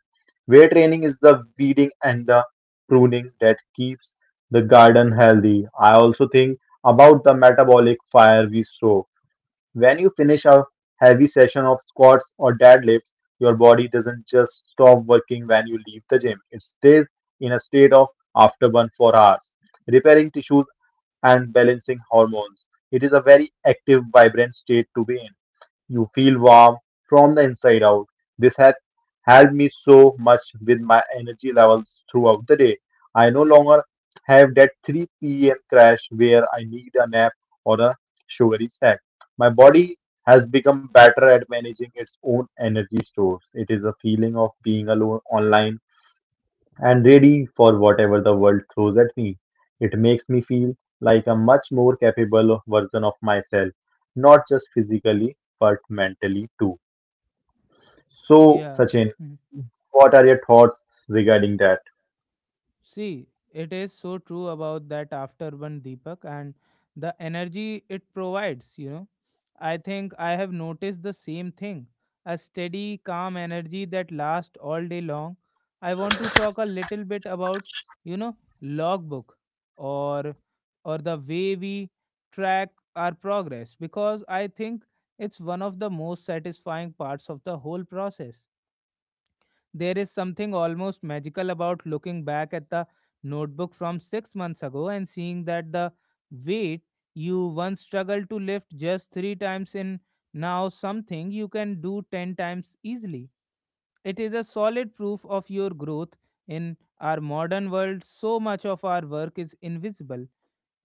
B: Weight training is the weeding and the pruning that keeps the garden healthy. I also think about the metabolic fire we stoke. When you finish a heavy session of squats or deadlifts, your body doesn't just stop working when you leave the gym. It stays in a state of afterburn for hours, repairing tissues and balancing hormones. It is a very active, vibrant state to be in. You feel warm from the inside out. This has helped me so much with my energy levels throughout the day. I no longer have that three p m crash where I need a nap or a sugary snack. My body has become better at managing its own energy stores. It is a feeling of being alone online and ready for whatever the world throws at me. It makes me feel like a much more capable version of myself, not just physically, but mentally too. So,
A: Yeah.
B: Sachin, what are your thoughts regarding that?
A: See, it is so true about that after one Deepak, and the energy it provides. You know, I think I have noticed the same thing, a steady, calm energy that lasts all day long. I want to talk a little bit about, you know, logbook or or the way we track our progress because I think it's one of the most satisfying parts of the whole process. There is something almost magical about looking back at the notebook from six months ago and seeing that the weight you once struggled to lift just three times in now something you can do ten times easily. It is a solid proof of your growth. In our modern world, so much of our work is invisible.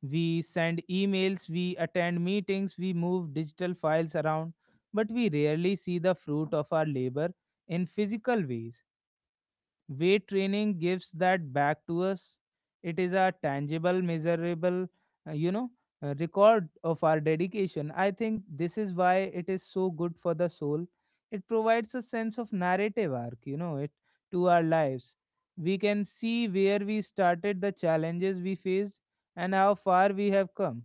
A: We send emails, we attend meetings, we move digital files around, but we rarely see the fruit of our labor in physical ways. Weight training gives that back to us. It is a tangible, measurable, uh, you know, uh, record of our dedication. I think this is why it is so good for the soul. It provides a sense of narrative arc, you know, it to our lives. We can see where we started, the challenges we faced, and how far we have come.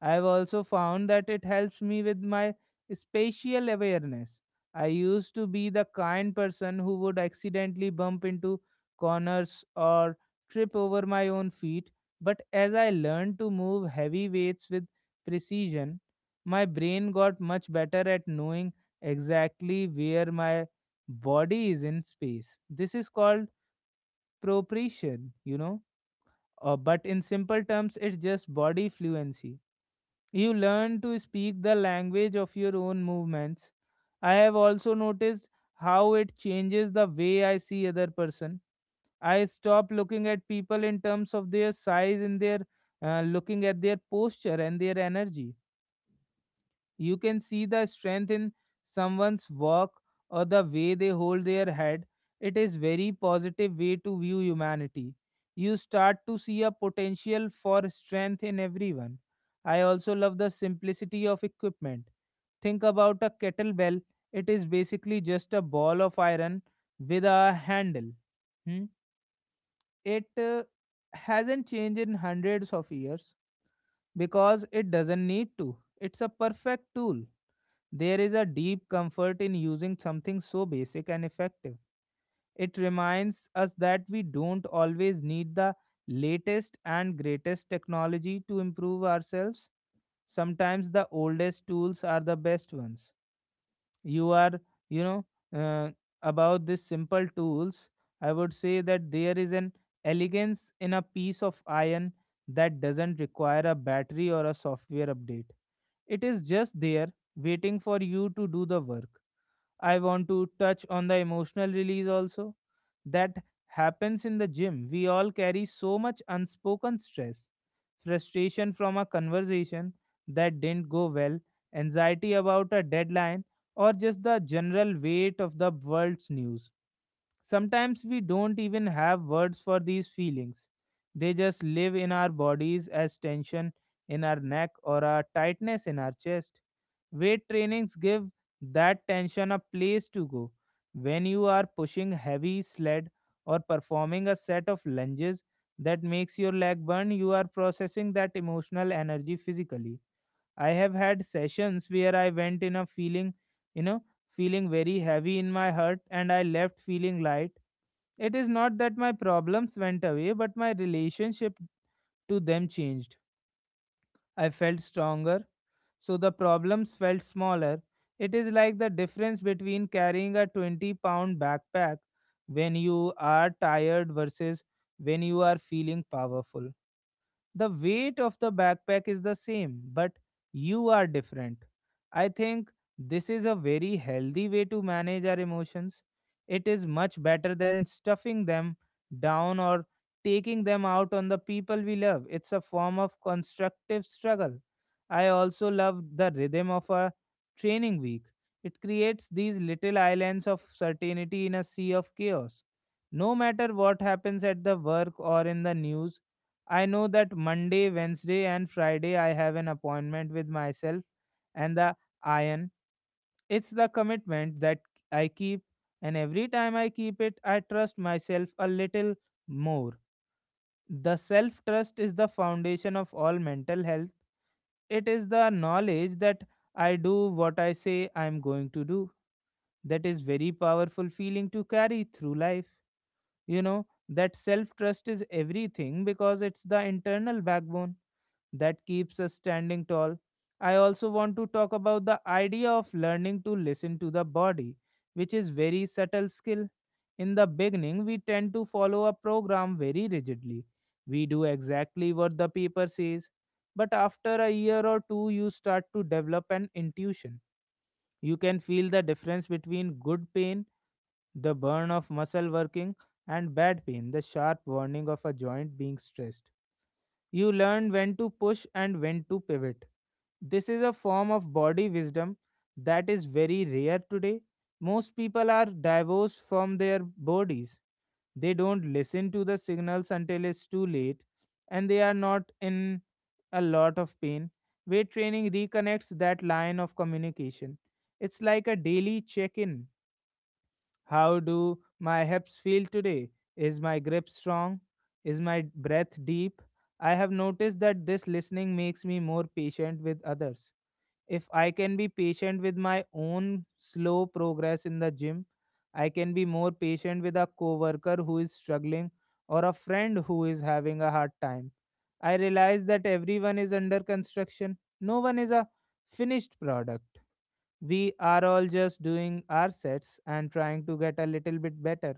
A: I've also found that it helps me with my spatial awareness. I used to be the kind person who would accidentally bump into corners or trip over my own feet, but as I learned to move heavy weights with precision, my brain got much better at knowing exactly where my body is in space. This is called proprioception, you know, uh, but in simple terms, it's just body fluency. You learn to speak the language of your own movements. I have also noticed how it changes the way I see other person. I stop looking at people in terms of their size and their uh, looking at their posture and their energy. You can see the strength in someone's walk or the way they hold their head. It is very positive way to view humanity. You start to see a potential for strength in everyone. I also love the simplicity of equipment. Think about a kettlebell. It is basically just a ball of iron with a handle. Hmm? It uh, hasn't changed in hundreds of years because it doesn't need to. It's a perfect tool. There is a deep comfort in using something so basic and effective. It reminds us that we don't always need the latest and greatest technology to improve ourselves. Sometimes the oldest tools are the best ones. You are, you know, uh, about these simple tools, I would say that there is an elegance in a piece of iron that doesn't require a battery or a software update. It is just there waiting for you to do the work. I want to touch on the emotional release also that happens in the gym. We all carry so much unspoken stress, frustration from a conversation that didn't go well, anxiety about a deadline, or just the general weight of the world's news. Sometimes we don't even have words for these feelings. They just live in our bodies as tension in our neck or a tightness in our chest. Weight trainings give that tension a place to go. When you are pushing heavy sled or performing a set of lunges that makes your leg burn, you are processing that emotional energy physically. I have had sessions where I went in a feeling, you know, feeling very heavy in my heart, and I left feeling light. It is not that my problems went away, but my relationship to them changed. I felt stronger, so the problems felt smaller. It is like the difference between carrying a twenty pound backpack when you are tired versus when you are feeling powerful. The weight of the backpack is the same, but you are different. I think this is a very healthy way to manage our emotions. It is much better than stuffing them down or taking them out on the people we love. It's a form of constructive struggle. I also love the rhythm of a training week. It creates these little islands of certainty in a sea of chaos. No matter what happens at the work or in the news, I know that Monday, Wednesday, and Friday I have an appointment with myself and the iron. It's the commitment that I keep, and every time I keep it, I trust myself a little more. The self trust is the foundation of all mental health. It is the knowledge that I do what I say I'm going to do. That is very powerful feeling to carry through life. You know, that self trust is everything because it's the internal backbone that keeps us standing tall. I also want to talk about the idea of learning to listen to the body, which is very subtle skill. In the beginning, we tend to follow a program very rigidly. We do exactly what the paper says. But after a year or two, you start to develop an intuition. You can feel the difference between good pain, the burn of muscle working, and bad pain, the sharp warning of a joint being stressed. You learn when to push and when to pivot. This is a form of body wisdom that is very rare today. Most people are divorced from their bodies. They don't listen to the signals until it's too late, and they are not in a lot of pain. Weight training reconnects that line of communication. It's like a daily check in. How do my hips feel today? Is my grip strong? Is my breath deep? I have noticed that this listening makes me more patient with others. If I can be patient with my own slow progress in the gym, I can be more patient with a coworker who is struggling or a friend who is having a hard time. I realize that everyone is under construction. No one is a finished product. We are all just doing our sets and trying to get a little bit better.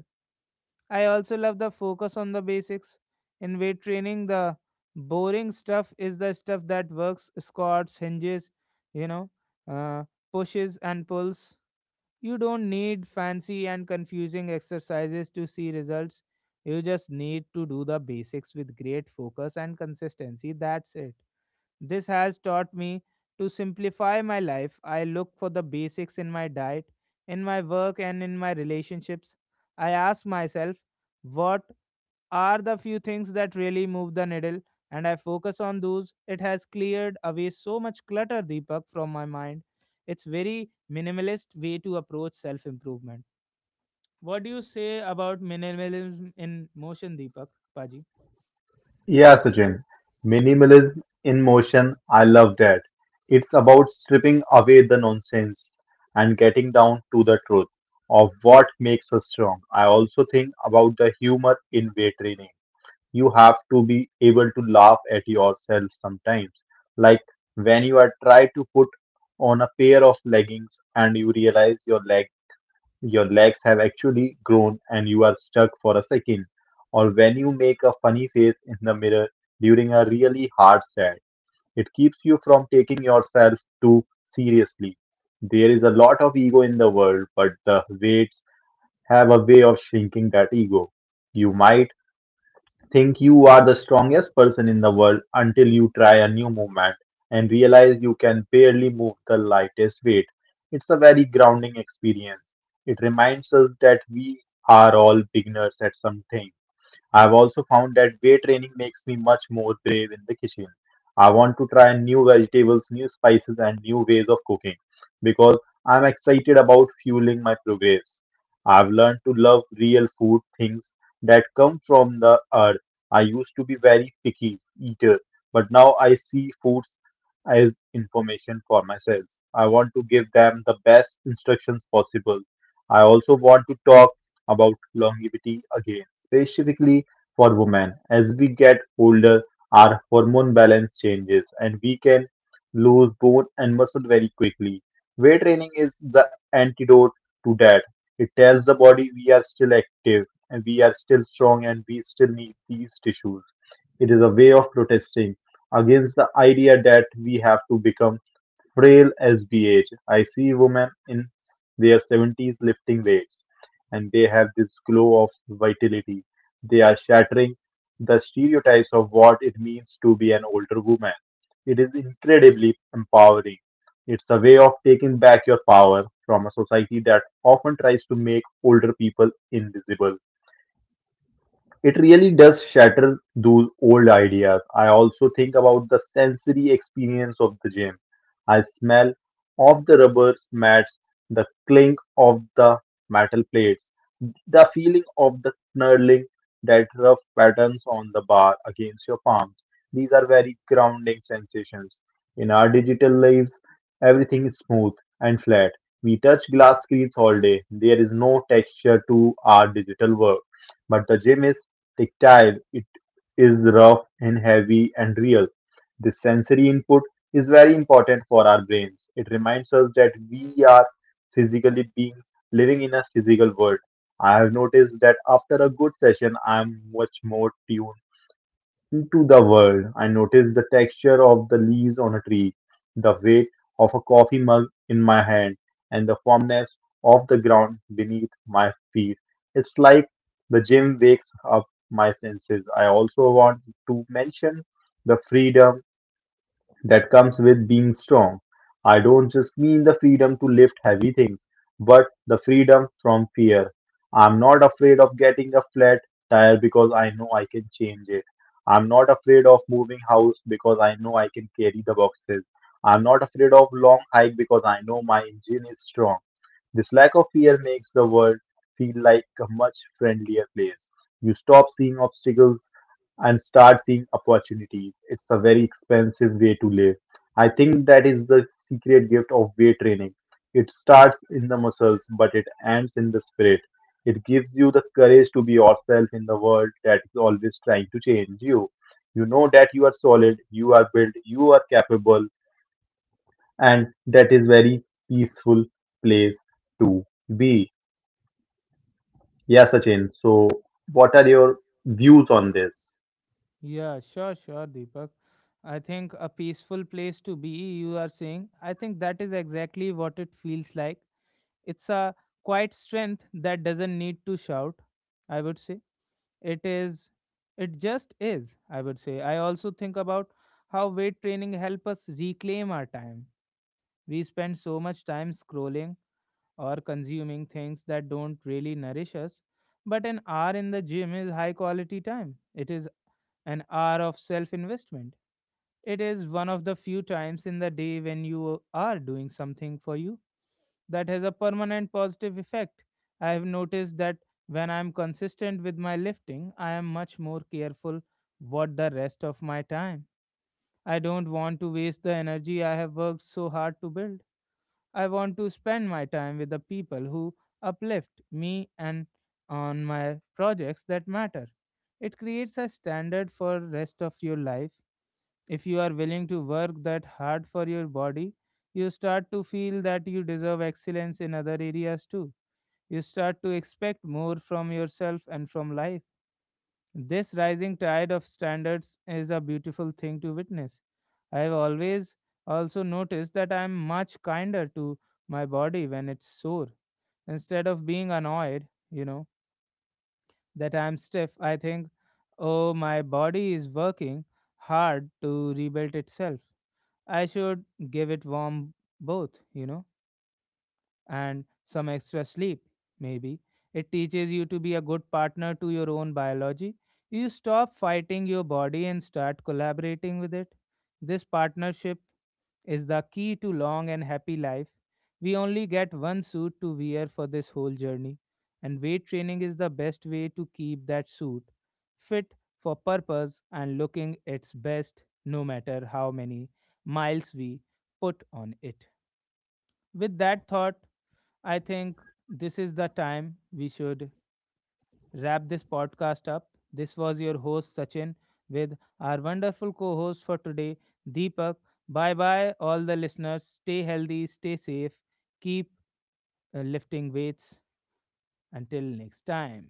A: I also love the focus on the basics. In weight training, the boring stuff is the stuff that works: squats, hinges, you know, uh, pushes, and pulls. You don't need fancy and confusing exercises to see results. You just need to do the basics with great focus and consistency. That's it. This has taught me to simplify my life. I look for the basics in my diet, in my work, and in my relationships. I ask myself, what are the few things that really move the needle? And I focus on those. It has cleared away so much clutter, Deepak, from my mind. It's very minimalist way to approach self improvement. What do you say about minimalism in motion, Deepak? Paji?
B: Yeah, Sachin, minimalism in motion, I love that. It's about stripping away the nonsense and getting down to the truth of what makes us strong. I also think about the humor in weight training. You have to be able to laugh at yourself sometimes, like when you are try to put on a pair of leggings and you realize your leg your legs have actually grown and you are stuck for a second, or when you make a funny face in the mirror during a really hard set. It keeps you from taking yourself too seriously. There is a lot of ego in the world, but the weights have a way of shrinking that ego. You might think you are the strongest person in the world until you try a new movement and realize you can barely move the lightest weight. It's a very grounding experience. It reminds us that we are all beginners at something. I've also found that weight training makes me much more brave in the kitchen. I want to try new vegetables, new spices, and new ways of cooking because I'm excited about fueling my progress. I've learned to love real food, things that come from the earth. I used to be very picky eater, but now I see foods as information for myself. I want to give them the best instructions possible. I also want to talk about longevity again, specifically for women. As we get older, our hormone balance changes and we can lose bone and muscle very quickly. Weight training is the antidote to that. It tells the body we are still active and we are still strong and we still need these tissues. It is a way of protesting against the idea that we have to become frail as we age. I see women in their seventies lifting weights, and they have this glow of vitality. They are shattering the stereotypes of what it means to be an older woman. It is incredibly empowering. It's a way of taking back your power from a society that often tries to make older people invisible. It really does shatter those old ideas. I also think about the sensory experience of the gym. I smell of the rubber mats, the clink of the metal plates, the feeling of the knurling, that rough patterns on the bar against your palms. These are very grounding sensations. In our digital lives, everything is smooth and flat. We touch glass screens all day. There is no texture to our digital work, but the gym is tactile. It is rough and heavy and real. The sensory input is very important for our brains. It reminds us that we are physically beings living in a physical world. I have noticed that after a good session, I am much more tuned into the world. I noticed the texture of the leaves on a tree, the weight of a coffee mug in my hand, and the firmness of the ground beneath my feet. It's like the gym wakes up my senses. I also want to mention the freedom that comes with being strong. I don't just mean the freedom to lift heavy things, but the freedom from fear. I'm not afraid of getting a flat tire because I know I can change it. I'm not afraid of moving house because I know I can carry the boxes. I'm not afraid of long hike because I know my engine is strong. This lack of fear makes the world feel like a much friendlier place. You stop seeing obstacles and start seeing opportunities. It's a very expensive way to live. I think that is the secret gift of weight training. It starts in the muscles, but it ends in the spirit. It gives you the courage to be yourself in the world that is always trying to change you. You know that you are solid, you are built, you are capable, and that is very peaceful place to be. Yeah, Sachin. So, what are your views on this?
A: Yeah, sure, sure, Deepak. I think a peaceful place to be, you are saying. I think that is exactly what it feels like. It's a quiet strength that doesn't need to shout, I would say. It is, it just is, I would say. I also think about how weight training help us reclaim our time. We spend so much time scrolling or consuming things that don't really nourish us. But an hour in the gym is high quality time. It is an hour of self investment. It is one of the few times in the day when you are doing something for you that has a permanent positive effect. I have noticed that when I am consistent with my lifting, I am much more careful what the rest of my time. I don't want to waste the energy I have worked so hard to build. I want to spend my time with the people who uplift me and on my projects that matter. It creates a standard for rest of your life. If you are willing to work that hard for your body, you start to feel that you deserve excellence in other areas too. You start to expect more from yourself and from life. This rising tide of standards is a beautiful thing to witness. I have always also noticed that I am much kinder to my body when it's sore. Instead of being annoyed, you know, that I am stiff, I think, oh, my body is working hard to rebuild itself. I should give it warm both, you know, and some extra sleep, maybe. It teaches you to be a good partner to your own biology. You stop fighting your body and start collaborating with it. This partnership is the key to long and happy life. We only get one suit to wear for this whole journey, and weight training is the best way to keep that suit fit for purpose and looking its best no matter how many miles we put on it. With that thought, I think this is the time we should wrap this podcast up. This was your host, Sachin, with our wonderful co host for today, Deepak. Bye bye, all the listeners. Stay healthy, stay safe, keep uh, lifting weights. Until next time.